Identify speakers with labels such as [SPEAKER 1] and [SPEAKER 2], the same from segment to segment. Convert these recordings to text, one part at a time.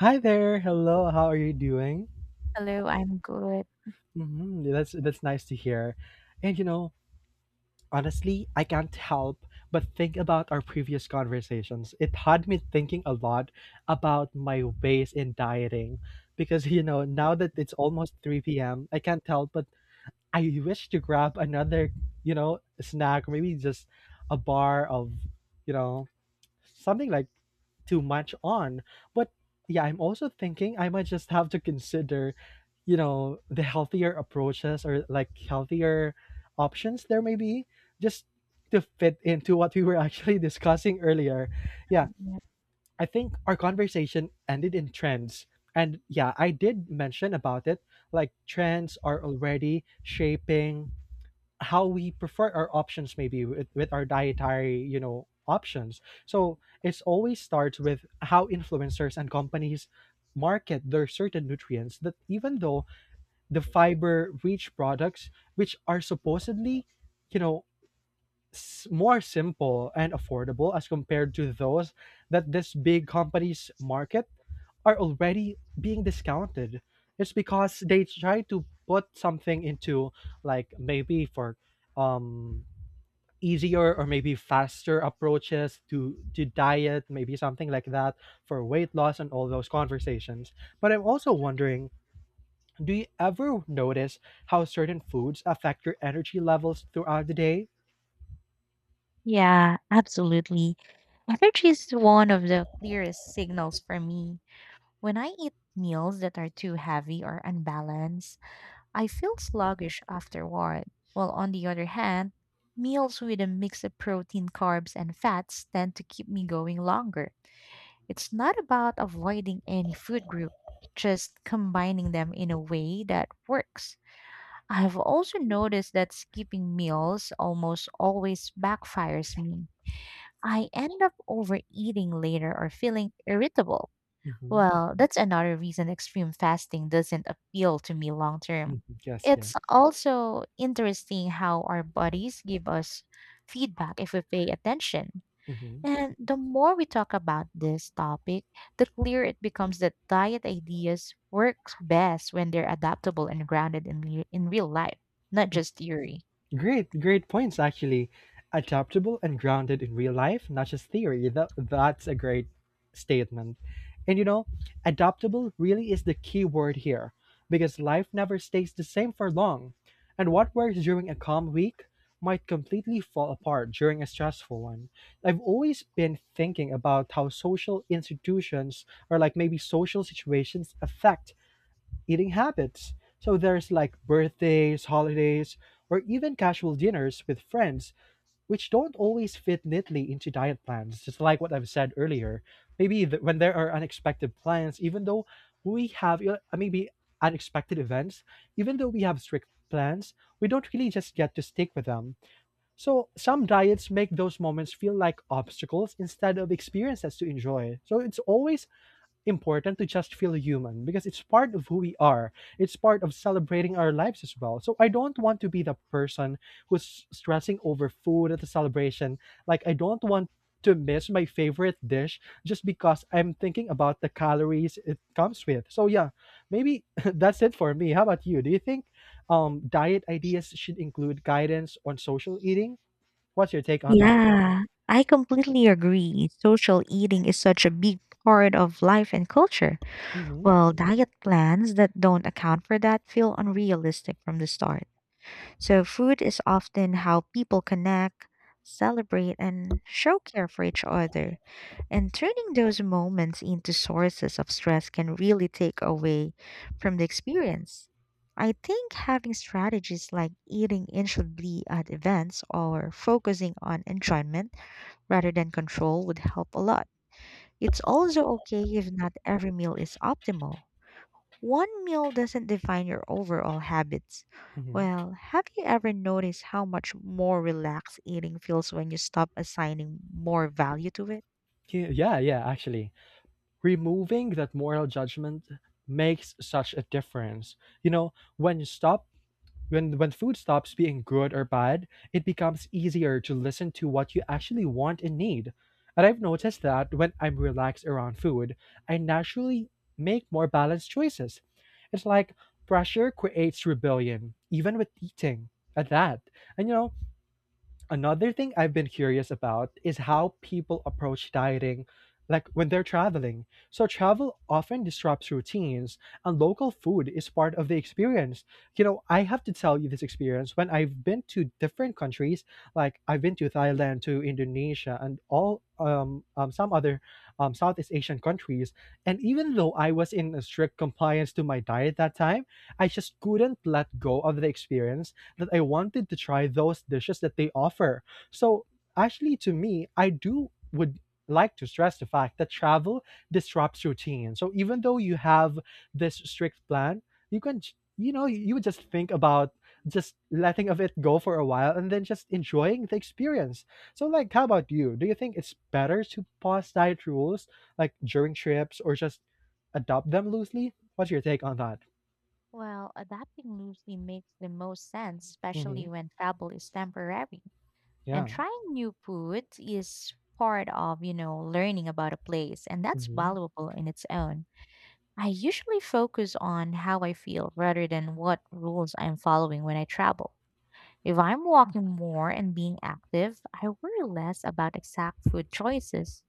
[SPEAKER 1] Hi there. Hello. How are you doing?
[SPEAKER 2] Hello, I'm good.
[SPEAKER 1] Hmm. That's nice to hear. And honestly, I can't help but think about our previous conversations. It had me thinking a lot about my ways in dieting because now that it's almost 3 p.m., I can't help but I wish to grab another snack, maybe just a bar of, you know, something like too much on. But yeah, I'm also thinking I might just have to consider the healthier approaches or like healthier options there may be just to fit into what we were actually discussing earlier. Yeah,
[SPEAKER 2] Mhm.
[SPEAKER 1] I think our conversation ended in trends. And yeah, I did mention about it. Like, trends are already shaping how we prefer our options, maybe with our dietary options, so it's always starts with how influencers and companies market their certain nutrients that, even though the fiber rich products, which are supposedly you know more simple and affordable as compared to those that these big companies market, are already being discounted. It's because they try to put something into, like, maybe for um easier or maybe faster approaches to diet, maybe something like that for weight loss and all those conversations. But I'm also wondering, do you ever notice how certain foods affect your energy levels throughout the day?
[SPEAKER 2] Yeah, absolutely. Energy is one of the clearest signals for me. When I eat meals that are too heavy or unbalanced, I feel sluggish afterward. While on the other hand, meals with a mix of protein, carbs, and fats tend to keep me going longer. It's not about avoiding any food group, just combining them in a way that works. I've also noticed that skipping meals almost always backfires me. I end up overeating later or feeling irritable.
[SPEAKER 1] Hmm.
[SPEAKER 2] Well, that's another reason extreme fasting doesn't appeal to me long term.
[SPEAKER 1] Yes, yes.
[SPEAKER 2] It's also interesting how our bodies give us feedback if we pay attention.
[SPEAKER 1] Mhm.
[SPEAKER 2] And the more we talk about this topic, the clearer it becomes that diet ideas work best when they're adaptable and grounded in real life, not just theory.
[SPEAKER 1] Great, great points actually. Adaptable and grounded in real life, not just theory. That's a great statement. And you know, adaptable really is the key word here because life never stays the same for long. And what works during a calm week might completely fall apart during a stressful one. I've always been thinking about how social institutions, or like maybe social situations, affect eating habits. So there's like birthdays, holidays, or even casual dinners with friends, which don't always fit neatly into diet plans, just like what I've said earlier. Maybe when there are unexpected plans, even though we have you maybe unexpected events, even though we have strict plans, we don't really just get to stick with them. So some diets make those moments feel like obstacles instead of experiences to enjoy. So it's always important to just feel human because it's part of who we are. It's part of celebrating our lives as well. So I don't want to be the person who's stressing over food at the celebration. Like, I don't want to miss my favorite dish just because I'm thinking about the calories it comes with. So yeah, maybe that's it for me. How about you? Do you think diet ideas should include guidance on social eating? What's your take on that?
[SPEAKER 2] Yeah, I completely agree. Social eating is such a big part of life and culture.
[SPEAKER 1] Mm-hmm.
[SPEAKER 2] Well, diet plans that don't account for that feel unrealistic from the start. So, food is often how people connect, celebrate, and show care for each other. And turning those moments into sources of stress can really take away from the experience. I think having strategies like eating intuitively at events or focusing on enjoyment rather than control would help a lot. It's also okay if not every meal is optimal. One meal doesn't define your overall habits.
[SPEAKER 1] Mm-hmm.
[SPEAKER 2] Well, have you ever noticed how much more relaxed eating feels when you stop assigning more value to it?
[SPEAKER 1] Yeah, yeah, yeah, actually. Removing that moral judgment makes such a difference. You know, when you stop when food stops being good or bad, it becomes easier to listen to what you actually want and need. And I've noticed that when I'm relaxed around food, I naturally make more balanced choices. It's like pressure creates rebellion, even with eating. At that. And you know, Another thing I've been curious about is how people approach dieting, like when they're traveling. So travel often disrupts routines, and local food is part of the experience. I have to tell you this experience when I've been to different countries, like I've been to Thailand, to Indonesia, and all some other Southeast Asian countries. And even though I was in a strict compliance to my diet that time, I just couldn't let go of the experience that I wanted to try those dishes that they offer. So actually, to me, I do would like to stress the fact that travel disrupts routine. So even though you have this strict plan, you can you would just think about just letting of it go for a while and then just enjoying the experience. So, like, how about you? Do you think it's better to pause diet rules like during trips or just adopt them loosely? What's your take on that?
[SPEAKER 2] Well, adapting loosely makes the most sense, especially
[SPEAKER 1] Mhm.
[SPEAKER 2] when travel is temporary. And
[SPEAKER 1] Yeah.
[SPEAKER 2] trying new food is part of, learning about a place, and that's
[SPEAKER 1] Mhm.
[SPEAKER 2] valuable in its own. I usually focus on how I feel rather than what rules I'm following when I travel. If I'm walking more and being active, I worry less about exact food choices.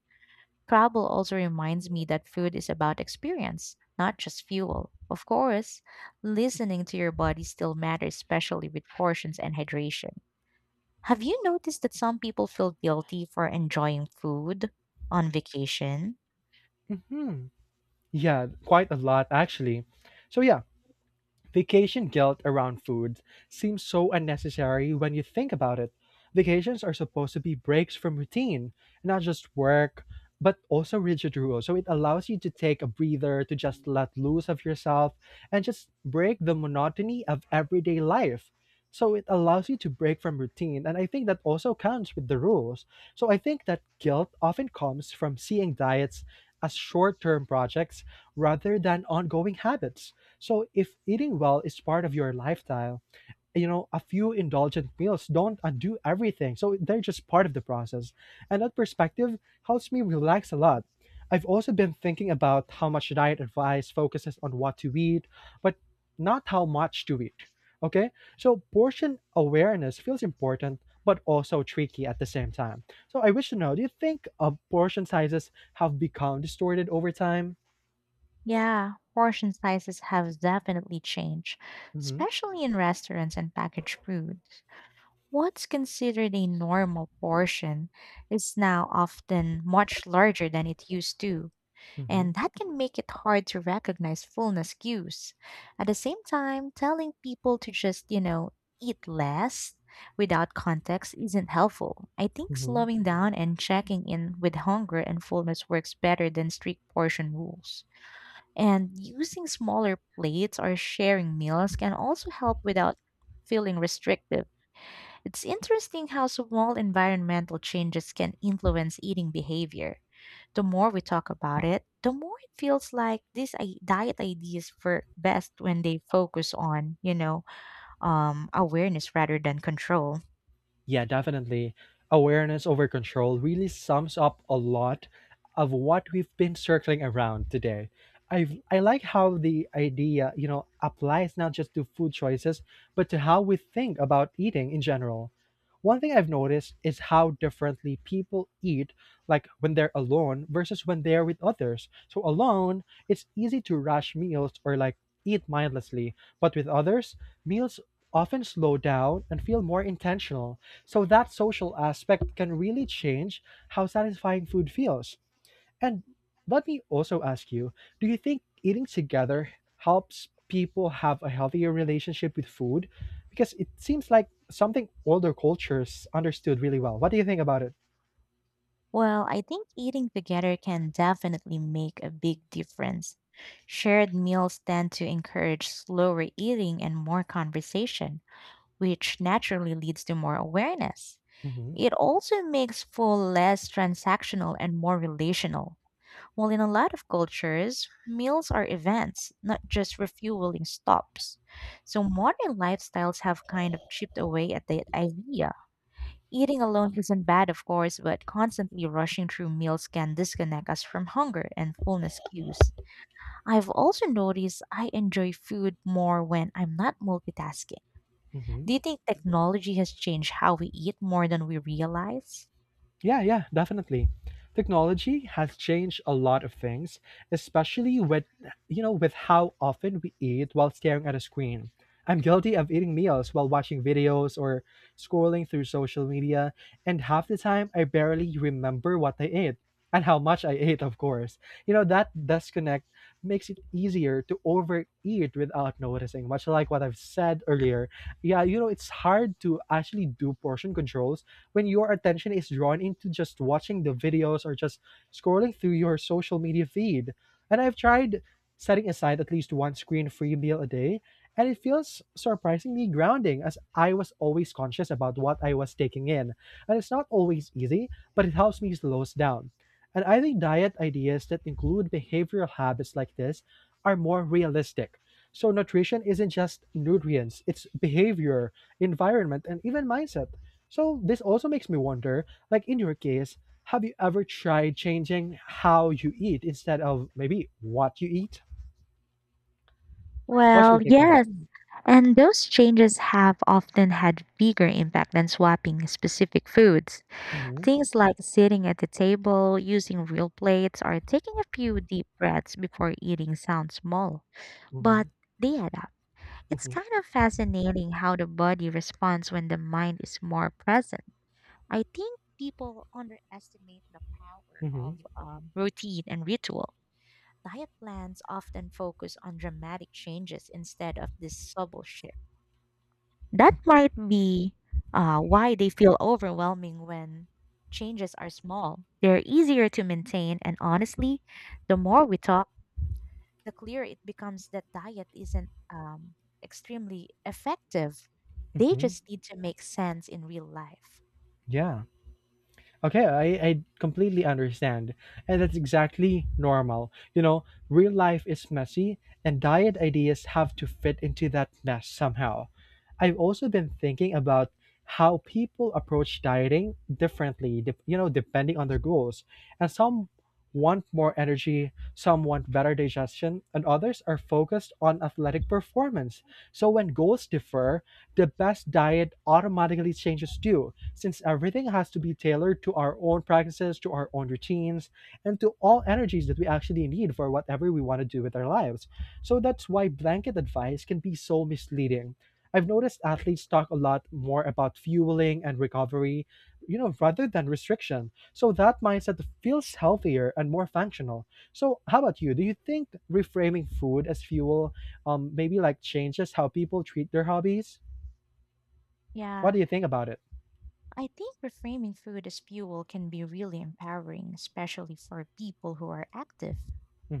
[SPEAKER 2] Travel also reminds me that food is about experience, not just fuel. Of course, listening to your body still matters, especially with portions and hydration. Have you noticed that some people feel guilty for enjoying food on vacation?
[SPEAKER 1] Mhm. Yeah, quite a lot actually. So yeah, vacation guilt around food seems so unnecessary when you think about it. Vacations are supposed to be breaks from routine, not just work, but also rigid rules. So it allows you to take a breather, to just let loose of yourself, and just break the monotony of everyday life. So it allows you to break from routine. And I think that also counts with the rules. So I think that guilt often comes from seeing diets as short term projects rather than ongoing habits, so if eating well is part of your lifestyle, a few indulgent meals don't undo everything. So they're just part of the process. And that perspective helps me relax a lot. I've also been thinking about how much diet advice focuses on what to eat, but not how much to eat. Okay? So portion awareness feels important, but also tricky at the same time. So I wish to know, do you think portion sizes have become distorted over time?
[SPEAKER 2] Yeah, portion sizes have definitely changed,
[SPEAKER 1] Hmm.
[SPEAKER 2] especially in restaurants and packaged foods. What's considered a normal portion is now often much larger than it used to,
[SPEAKER 1] Hmm.
[SPEAKER 2] and that can make it hard to recognize fullness cues. At the same time, telling people to just, eat less without context isn't helpful. I think
[SPEAKER 1] Hmm.
[SPEAKER 2] slowing down and checking in with hunger and fullness works better than strict portion rules. And using smaller plates or sharing meals can also help without feeling restrictive. It's interesting how small environmental changes can influence eating behavior. The more we talk about it, the more it feels like these diet ideas work best when they focus on, awareness rather than control.
[SPEAKER 1] Yeah, definitely. Awareness over control really sums up a lot of what we've been circling around today. I like how the idea applies not just to food choices, but to how we think about eating in general. One thing I've noticed is how differently people eat, like when they're alone versus when they're with others. So alone, it's easy to rush meals or like eat mindlessly, but with others, meals often slow down and feel more intentional. So that social aspect can really change how satisfying food feels. And let me also ask you, do you think eating together helps people have a healthier relationship with food? Because it seems like something older cultures understood really well. What do you think about it?
[SPEAKER 2] Well, I think eating together can definitely make a big difference. Shared meals tend to encourage slower eating and more conversation, which naturally leads to more awareness.
[SPEAKER 1] Hmm.
[SPEAKER 2] It also makes food less transactional and more relational. While in a lot of cultures, meals are events, not just refueling stops. So modern lifestyles have kind of chipped away at that idea. Eating alone isn't bad, of course, but constantly rushing through meals can disconnect us from hunger and fullness cues. I've also noticed I enjoy food more when I'm not multitasking.
[SPEAKER 1] Hmm.
[SPEAKER 2] Do you think technology has changed how we eat more than we realize?
[SPEAKER 1] Yeah, yeah, definitely. Technology has changed a lot of things, especially with you know with how often we eat while staring at a screen. I'm guilty of eating meals while watching videos or scrolling through social media, and half the time I barely remember what I ate and how much I ate, of course. That disconnect makes it easier to overeat without noticing, much like what I've said earlier. Yeah, it's hard to actually do portion controls when your attention is drawn into just watching the videos or just scrolling through your social media feed. And I've tried setting aside at least one screen free meal a day, and it feels surprisingly grounding as I was always conscious about what I was taking in. And it's not always easy, but it helps me slow us down. And I think diet ideas that include behavioral habits like this are more realistic. So nutrition isn't just nutrients, it's behavior, environment, and even mindset. So this also makes me wonder, like in your case, have you ever tried changing how you eat instead of maybe what you eat? What's
[SPEAKER 2] Well,
[SPEAKER 1] your take on that?
[SPEAKER 2] yes. And those changes have often had bigger impact than swapping specific foods.
[SPEAKER 1] Mm-hmm.
[SPEAKER 2] Things like sitting at the table, using real plates, or taking a few deep breaths before eating sound small,
[SPEAKER 1] Mm-hmm.
[SPEAKER 2] but they add up. It's
[SPEAKER 1] Mm-hmm.
[SPEAKER 2] kind of fascinating how the body responds when the mind is more present. I think people underestimate the power
[SPEAKER 1] Mm-hmm.
[SPEAKER 2] of routine and ritual. Diet plans often focus on dramatic changes instead of these subtle shifts. That might be why they feel overwhelming. When changes are small, they're easier to maintain, and honestly, the more we talk, the clearer it becomes that diet isn't extremely effective. They
[SPEAKER 1] Mm-hmm.
[SPEAKER 2] just need to make sense in real life.
[SPEAKER 1] Yeah. Okay, I completely understand. And that's exactly normal. Real life is messy, and diet ideas have to fit into that mess somehow. I've also been thinking about how people approach dieting differently, depending on their goals. And some want more energy, some want better digestion, and others are focused on athletic performance. So when goals differ, the best diet automatically changes too, since everything has to be tailored to our own practices, to our own routines, and to all energies that we actually need for whatever we want to do with our lives. So that's why blanket advice can be so misleading. I've noticed athletes talk a lot more about fueling and recovery, rather than restriction. So that mindset feels healthier and more functional. So how about you? Do you think reframing food as fuel maybe like changes how people treat their hobbies? What
[SPEAKER 2] Yeah,
[SPEAKER 1] do you think about it?
[SPEAKER 2] I think reframing food as fuel can be really empowering, especially for people who are active.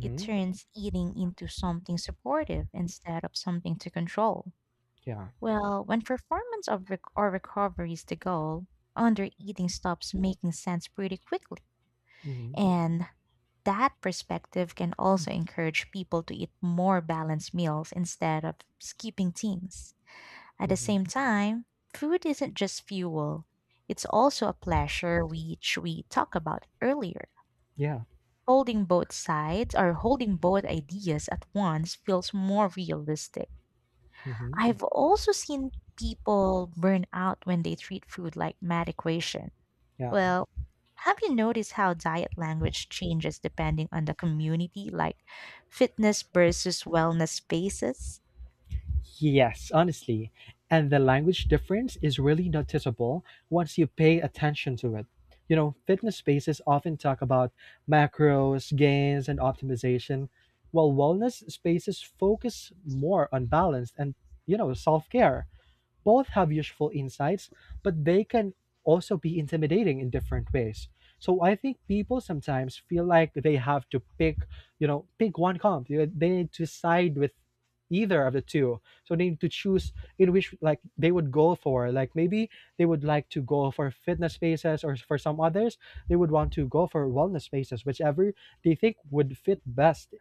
[SPEAKER 2] It turns eating into something supportive instead of something to control.
[SPEAKER 1] Yeah.
[SPEAKER 2] Well, when performance or recovery is the goal, under eating stops making sense pretty quickly.
[SPEAKER 1] Mhm.
[SPEAKER 2] And that perspective can also encourage people to eat more balanced meals instead of skipping things. At the
[SPEAKER 1] Mhm.
[SPEAKER 2] same time, food isn't just fuel, it's also a pleasure, which we talked about earlier.
[SPEAKER 1] Yeah.
[SPEAKER 2] Holding both sides or holding both ideas at once feels more realistic.
[SPEAKER 1] Mhm.
[SPEAKER 2] I've also seen people burn out when they treat food like math equation.
[SPEAKER 1] Yeah.
[SPEAKER 2] Well, have you noticed how diet language changes depending on the community, like fitness versus wellness spaces?
[SPEAKER 1] Yes, honestly. And the language difference is really noticeable once you pay attention to it. Fitness spaces often talk about macros, gains, and optimization, while wellness spaces focus more on balance and self care. Both have useful insights, but they can also be intimidating in different ways. So I think people sometimes feel like they have to pick one. They need to side with either of the two. So they need to choose in which like they would go for. Like maybe they would like to go for fitness spaces, or for some others, they would want to go for wellness spaces, whichever they think would fit best,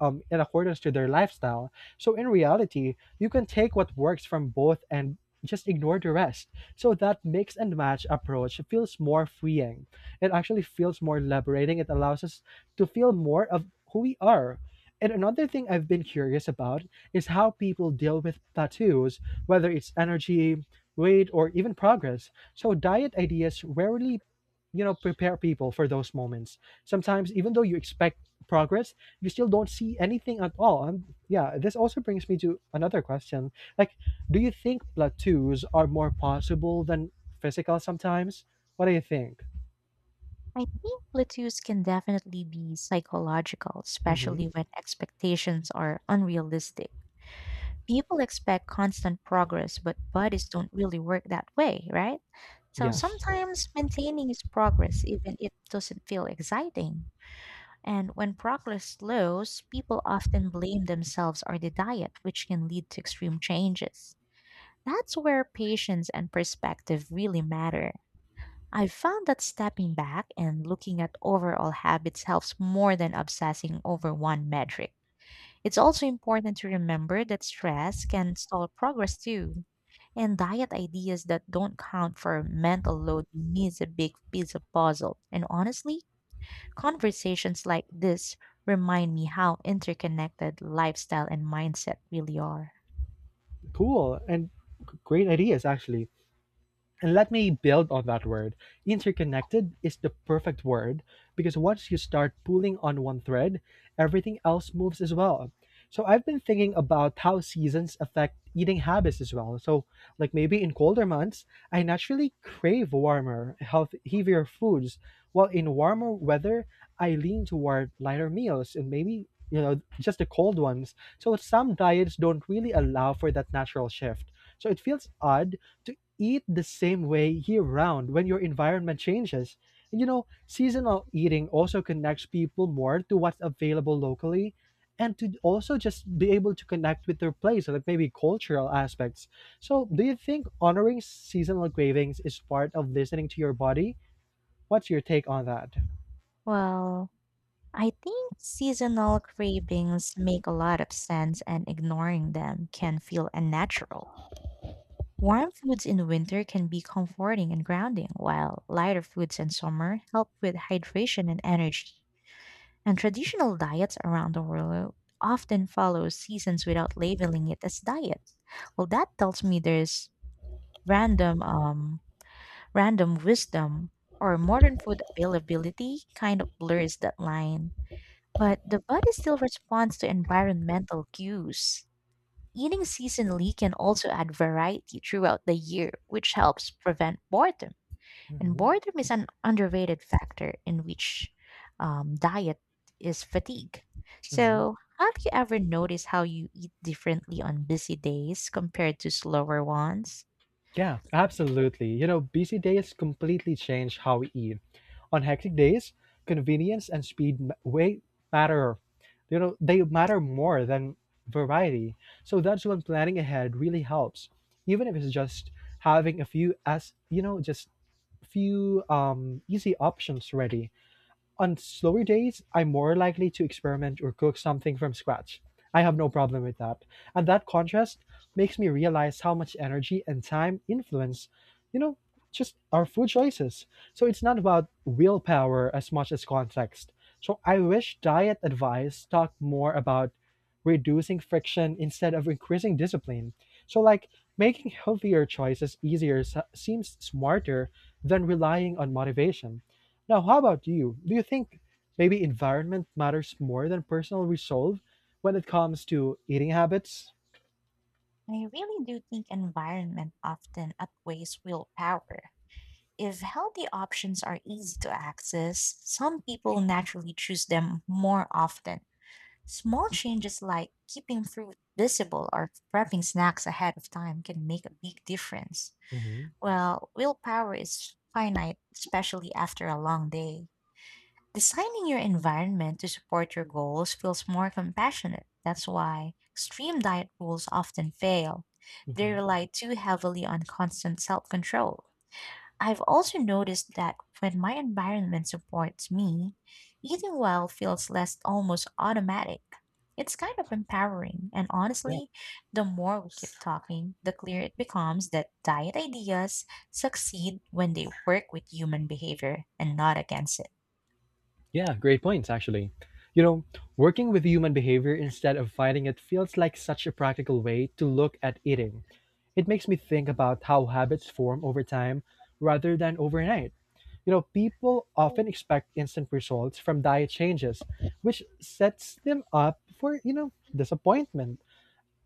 [SPEAKER 1] in accordance to their lifestyle. So in reality, you can take what works from both and just ignore the rest. So that mix and match approach feels more freeing. It actually feels more liberating. It allows us to feel more of who we are. And another thing I've been curious about is how people deal with tattoos, whether it's energy, weight, or even progress. So diet ideas rarely, prepare people for those moments. Sometimes even though you expect progress, you still don't see anything at all. And yeah, this also brings me to another question. Like, do you think plateaus are more possible than physical sometimes? What do you think?
[SPEAKER 2] I think plateaus can definitely be psychological,
[SPEAKER 1] Hmm.
[SPEAKER 2] especially when expectations are unrealistic. People expect constant progress, but bodies don't really work that way, right? So
[SPEAKER 1] Yes.
[SPEAKER 2] sometimes maintaining is progress, even if it doesn't feel exciting. And when progress slows, people often blame themselves or the diet, which can lead to extreme changes. That's where patience and perspective really matter. I've found that stepping back and looking at overall habits helps more than obsessing over one metric. It's also important to remember that stress can stall progress too, and diet ideas that don't count for mental load miss a big piece of puzzle. And honestly, conversations like this remind me how interconnected lifestyle and mindset really are.
[SPEAKER 1] Cool. And great ideas, actually. And let me build on that word. Interconnected is the perfect word because once you start pulling on one thread, everything else moves as well. So I've been thinking about how seasons affect eating habits as well. So, like maybe in colder months, I naturally crave warmer, health, heavier foods, while in warmer weather, I lean toward lighter meals and maybe, just the cold ones. So some diets don't really allow for that natural shift. So it feels odd to eat the same way year round when your environment changes. And seasonal eating also connects people more to what's available locally and to also just be able to connect with their place, like maybe cultural aspects. So, do you think honoring seasonal cravings is part of listening to your body? What's your take on that?
[SPEAKER 2] Well, I think seasonal cravings make a lot of sense, and ignoring them can feel unnatural. Warm foods in winter can be comforting and grounding, while lighter foods in summer help with hydration and energy. And traditional diets around the world often follow seasons without labeling it as diet. Well, that tells me there's random um, random wisdom or modern food availability kind of blurs that line, but the body still responds to environmental cues. Eating seasonally can also add variety throughout the year, which helps prevent boredom. And
[SPEAKER 1] Hmm.
[SPEAKER 2] boredom is an underrated factor in which diet is fatigue. So, have you ever noticed how you eat differently on busy days compared to slower ones?
[SPEAKER 1] Yeah, absolutely. You know, busy days completely change how we eat. On hectic days, convenience and way matter. You know, they matter more than variety. So that's when planning ahead really helps. Even if it's just having a few as, just few easy options ready. On slower days, I'm more likely to experiment or cook something from scratch. I have no problem with that. And that contrast makes me realize how much energy and time influence, you know, just our food choices. So it's not about willpower as much as context. So I wish diet advice talked more about reducing friction instead of increasing discipline. So, like, making healthier choices easier s- seems smarter than relying on motivation. Now, how about you? Do you think maybe environment matters more than personal resolve when it comes to eating habits?
[SPEAKER 2] I really do think environment often outweighs willpower. If healthy options are easy to access, some people naturally choose them more often. Small changes like keeping fruit visible or prepping snacks ahead of time can make a big difference.
[SPEAKER 1] Hmm.
[SPEAKER 2] Well, willpower is finite, especially after a long day. Designing your environment to support your goals feels more compassionate. That's why extreme diet rules often fail. They
[SPEAKER 1] Hmm.
[SPEAKER 2] rely too heavily on constant self control. I've also noticed that when my environment supports me, eating well feels less almost automatic. It's kind of empowering, and
[SPEAKER 1] Yeah.
[SPEAKER 2] honestly, the more we keep talking, the clearer it becomes that diet ideas succeed when they work with human behavior and not against it.
[SPEAKER 1] Yeah, great points, actually. You know, working with human behavior instead of fighting it feels like such a practical way to look at eating. It makes me think about how habits form over time rather than overnight. You know, people often expect instant results from diet changes, which sets them up for, disappointment.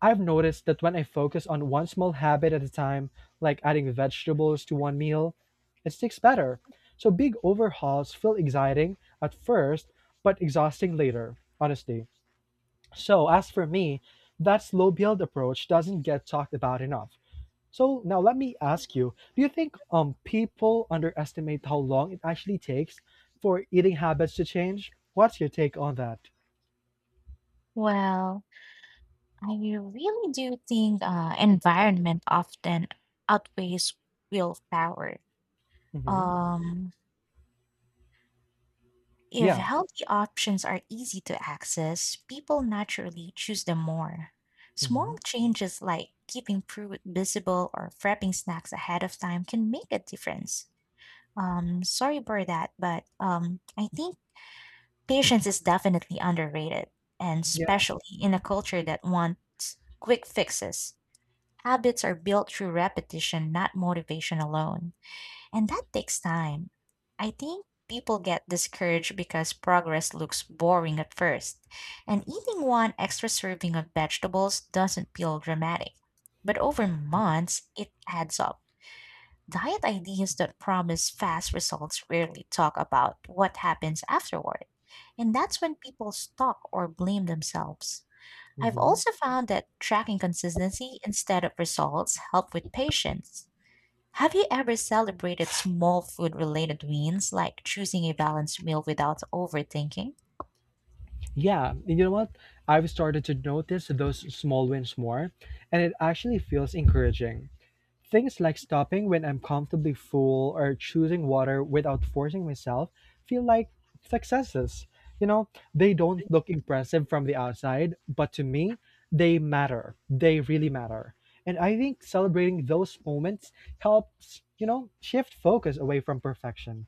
[SPEAKER 1] I've noticed that when I focus on one small habit at a time, like adding vegetables to one meal, it sticks better. So big overhauls feel exciting at first, but exhausting later, honestly. So, as for me, that slow build approach doesn't get talked about enough. So, now let me ask you, do you think people underestimate how long it actually takes for eating habits to change? What's your take on that?
[SPEAKER 2] Well, I really do think environment often outweighs willpower.
[SPEAKER 1] Hmm.
[SPEAKER 2] Um, if
[SPEAKER 1] Yeah.
[SPEAKER 2] healthy options are easy to access, people naturally choose them more.
[SPEAKER 1] Hmm.
[SPEAKER 2] Small changes like keeping fruit visible or prepping snacks ahead of time can make a difference. Sorry for that, but I think patience is definitely underrated, and
[SPEAKER 1] Yeah.
[SPEAKER 2] especially in a culture that wants quick fixes. Habits are built through repetition, not motivation alone. And that takes time. I think people get discouraged because progress looks boring at first. And eating one extra serving of vegetables doesn't feel dramatic. But over months, it adds up. Diet ideas that promise fast results rarely talk about what happens afterward. And that's when people stalk or blame themselves. I've
[SPEAKER 1] Hmm.
[SPEAKER 2] also found that tracking consistency instead of results help with patience. Have you ever celebrated small food related wins, like choosing a balanced meal without overthinking?
[SPEAKER 1] Yeah, and you know what? I've started to notice those small wins more, and it actually feels encouraging. Things like stopping when I'm comfortably full or choosing water without forcing myself feel like successes. You know, they don't look impressive from the outside, but to me, they matter. They really matter. And I think celebrating those moments helps, shift focus away from perfection.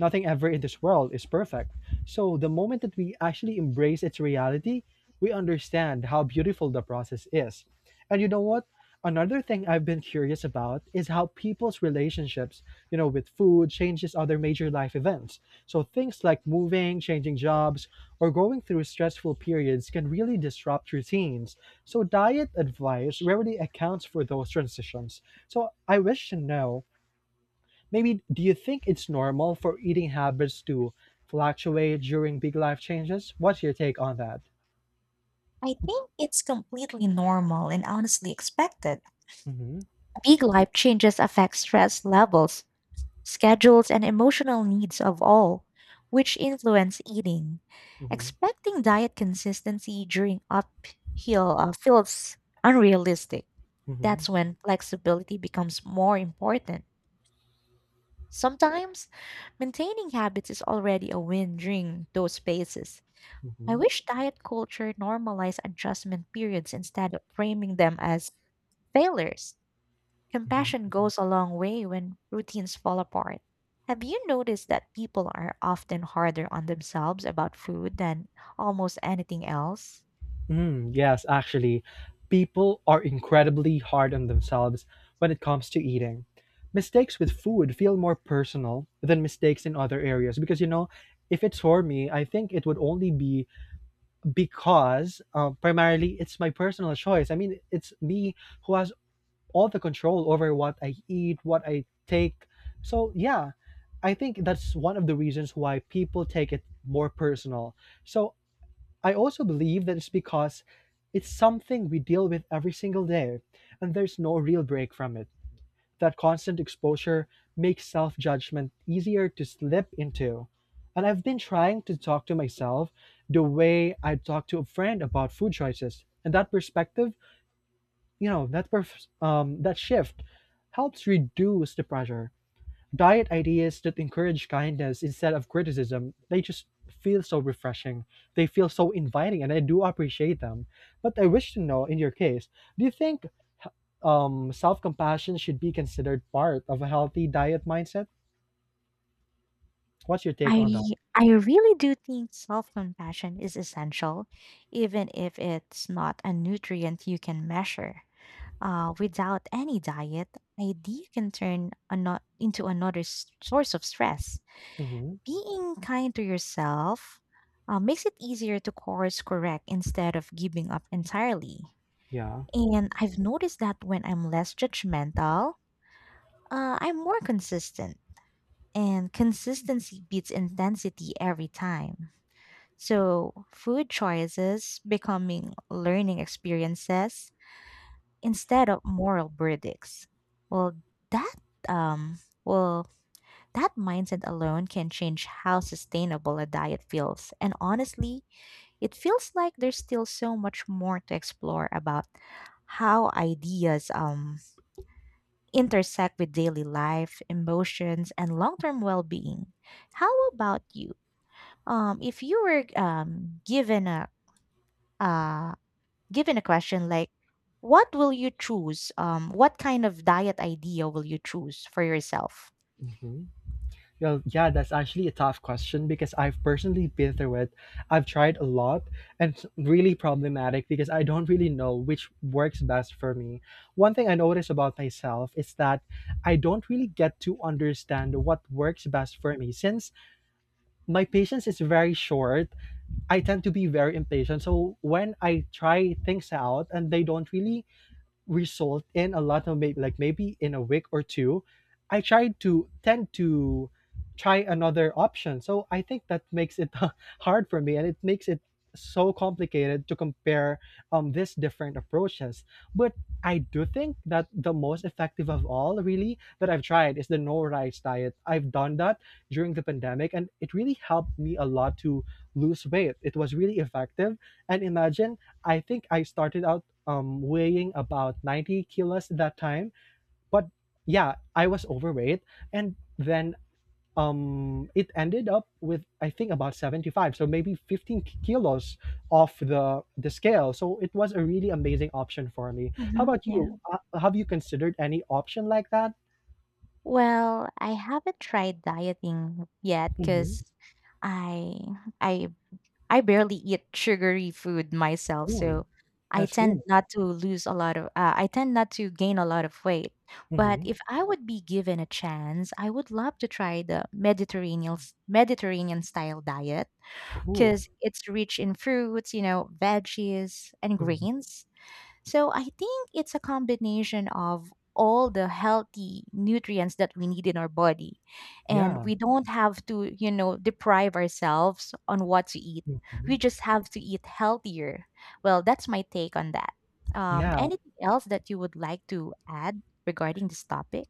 [SPEAKER 1] Nothing ever in this world is perfect. So, the moment that we actually embrace its reality, we understand how beautiful the process is. And you know what? Another thing I've been curious about is how people's relationships, with food changes other major life events. So, things like moving, changing jobs, or going through stressful periods can really disrupt routines. So, diet advice rarely accounts for those transitions. So, I wish to know, maybe do you think it's normal for eating habits to fluctuate during big life changes? What's your take on that?
[SPEAKER 2] I think it's completely normal and honestly expected.
[SPEAKER 1] Mm-hmm.
[SPEAKER 2] Big life changes affect stress levels, schedules, and emotional needs of all, which influence eating.
[SPEAKER 1] Mm-hmm.
[SPEAKER 2] Expecting diet consistency during uphill feels unrealistic.
[SPEAKER 1] Mm-hmm.
[SPEAKER 2] That's when flexibility becomes more important. Sometimes, maintaining habits is already a win during those phases. I
[SPEAKER 1] Mm-hmm.
[SPEAKER 2] wish diet culture normalized adjustment periods instead of framing them as failures.
[SPEAKER 1] Mm-hmm.
[SPEAKER 2] Compassion goes a long way when routines fall apart. Have you noticed that people are often harder on themselves about food than almost anything else?
[SPEAKER 1] Mm, yes, actually, people are incredibly hard on themselves when it comes to eating. Mistakes with food feel more personal than mistakes in other areas because, if it's for me, I think it would only be because primarily it's my personal choice. I mean, it's me who has all the control over what I eat, what I take. So yeah, I think that's one of the reasons why people take it more personal. So I also believe that it's because it's something we deal with every single day, and there's no real break from it. That constant exposure makes self judgment easier to slip into. And I've been trying to talk to myself the way I talk to a friend about food choices. And that perspective you know that perf- that shift helps reduce the pressure. Diet ideas that encourage kindness instead of criticism, they just feel so refreshing. They feel so inviting, and I do appreciate them. But I wish to know, in your case, do you think self-compassion should be considered part of a healthy diet mindset? What's your take
[SPEAKER 2] I
[SPEAKER 1] on that?
[SPEAKER 2] I really do think self-compassion is essential, even if it's not a nutrient you can measure. Without any diet, ID can turn into another source of stress.
[SPEAKER 1] Hmm.
[SPEAKER 2] Being kind to yourself makes it easier to course correct instead of giving up entirely.
[SPEAKER 1] Yeah.
[SPEAKER 2] And I've noticed that when I'm less judgmental, I'm more consistent, and consistency beats intensity every time. So, food choices becoming learning experiences instead of moral verdicts. Well, that um well, that mindset alone can change how sustainable a diet feels. And honestly, it feels like there's still so much more to explore about how ideas intersect with daily life, emotions, and long-term well-being. How about you? If you were given uh a question like, what will you choose, what kind of diet idea will you choose for yourself?
[SPEAKER 1] Mm-hmm. Well, yeah, that's actually a tough question because I've personally been through it. I've tried a lot, and it's really problematic because I don't really know which works best for me. One thing I notice about myself is that I don't really get to understand what works best for me. Since my patience is very short, I tend to be very impatient. So when I try things out and they don't really result in a lot of, maybe like maybe in a week or two, I tried to tend to try another option. So I think that makes it hard for me, and it makes it so complicated to compare these different approaches. But I do think that the most effective of all, really, that I've tried is the no rice diet. I've done that during the pandemic, and it really helped me a lot to lose weight. It was really effective. And imagine, I think I started out weighing about 90 kilos at that time. But yeah, I was overweight. And then it ended up with, I think, about 75. So maybe 15 kilos off the scale. So it was a really amazing option for me. How about
[SPEAKER 2] Yeah.
[SPEAKER 1] you? Have you considered any option like that?
[SPEAKER 2] Well, I haven't tried dieting yet
[SPEAKER 1] Mm-hmm.
[SPEAKER 2] because I I I barely eat sugary food myself,
[SPEAKER 1] Cool.
[SPEAKER 2] so I
[SPEAKER 1] That's
[SPEAKER 2] tend
[SPEAKER 1] cool.
[SPEAKER 2] not to lose a lot of I tend not to gain a lot of weight. But
[SPEAKER 1] Mm-hmm.
[SPEAKER 2] if I would be given a chance, I would love to try the Mediterranean style diet
[SPEAKER 1] Cool.
[SPEAKER 2] because it's rich in fruits, veggies and
[SPEAKER 1] Hmm.
[SPEAKER 2] greens. So I think it's a combination of all the healthy nutrients that we need in our body. And
[SPEAKER 1] Yeah.
[SPEAKER 2] we don't have to, deprive ourselves on what to eat.
[SPEAKER 1] Hmm.
[SPEAKER 2] We just have to eat healthier. Well, that's my take on that. Anything else that you would like to add regarding this topic?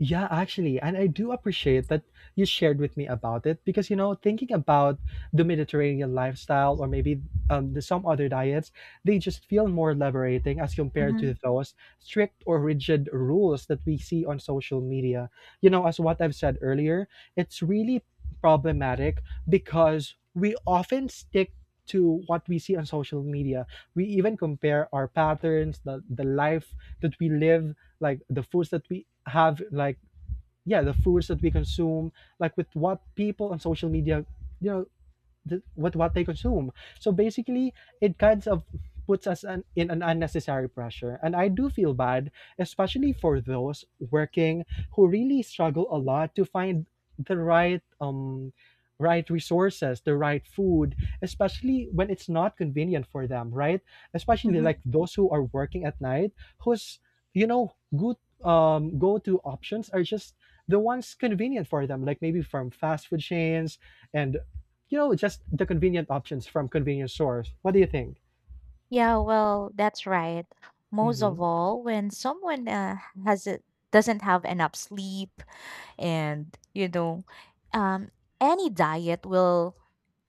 [SPEAKER 1] Yeah, actually, and I do appreciate that you shared with me about it, because you know, thinking about the Mediterranean lifestyle or maybe some other diets, they just feel more liberating as compared
[SPEAKER 2] Mm-hmm.
[SPEAKER 1] to those strict or rigid rules that we see on social media. You know, as what I've said earlier, it's really problematic because we often stick to what we see on social media. We even compare our patterns, the life that we live, like the foods that we have, like yeah, the foods that we consume, like with what people on social media, you know, with what they consume. So basically, it kind of puts in an unnecessary pressure. And I do feel bad, especially for those working who really struggle a lot to find the right resources, the right food, especially when it's not convenient for them, right? Especially like those who are working at night, whose you know good go-to options are just the ones convenient for them, like maybe from fast food chains and you know, just the convenient options from convenience stores. What do you think?
[SPEAKER 2] Yeah, well, that's right. Most of
[SPEAKER 1] Mhm,
[SPEAKER 2] all, when someone has it doesn't have enough sleep, and um, any diet will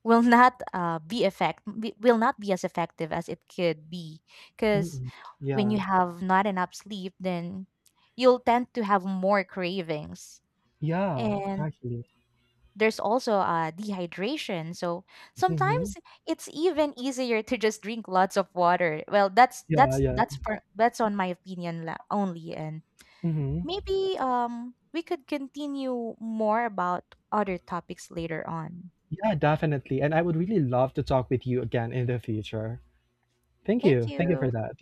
[SPEAKER 2] will not be effect be- will not be as effective as it could be. Because
[SPEAKER 1] mm.
[SPEAKER 2] when you
[SPEAKER 1] Yeah.
[SPEAKER 2] have not enough sleep, then you'll tend to have more cravings,
[SPEAKER 1] Yeah,
[SPEAKER 2] and
[SPEAKER 1] actually.
[SPEAKER 2] there's also dehydration. So
[SPEAKER 1] Mhm.
[SPEAKER 2] sometimes it's even easier to just drink lots of water. Well, that's
[SPEAKER 1] Yeah,
[SPEAKER 2] that's
[SPEAKER 1] yeah.
[SPEAKER 2] that's per, that's on my opinion only, and
[SPEAKER 1] Mhm.
[SPEAKER 2] maybe we could continue more about other topics later on.
[SPEAKER 1] Yeah, definitely, and I would really love to talk with you again in the future. Thank
[SPEAKER 2] Thank
[SPEAKER 1] you. Thank you
[SPEAKER 2] you.
[SPEAKER 1] for that.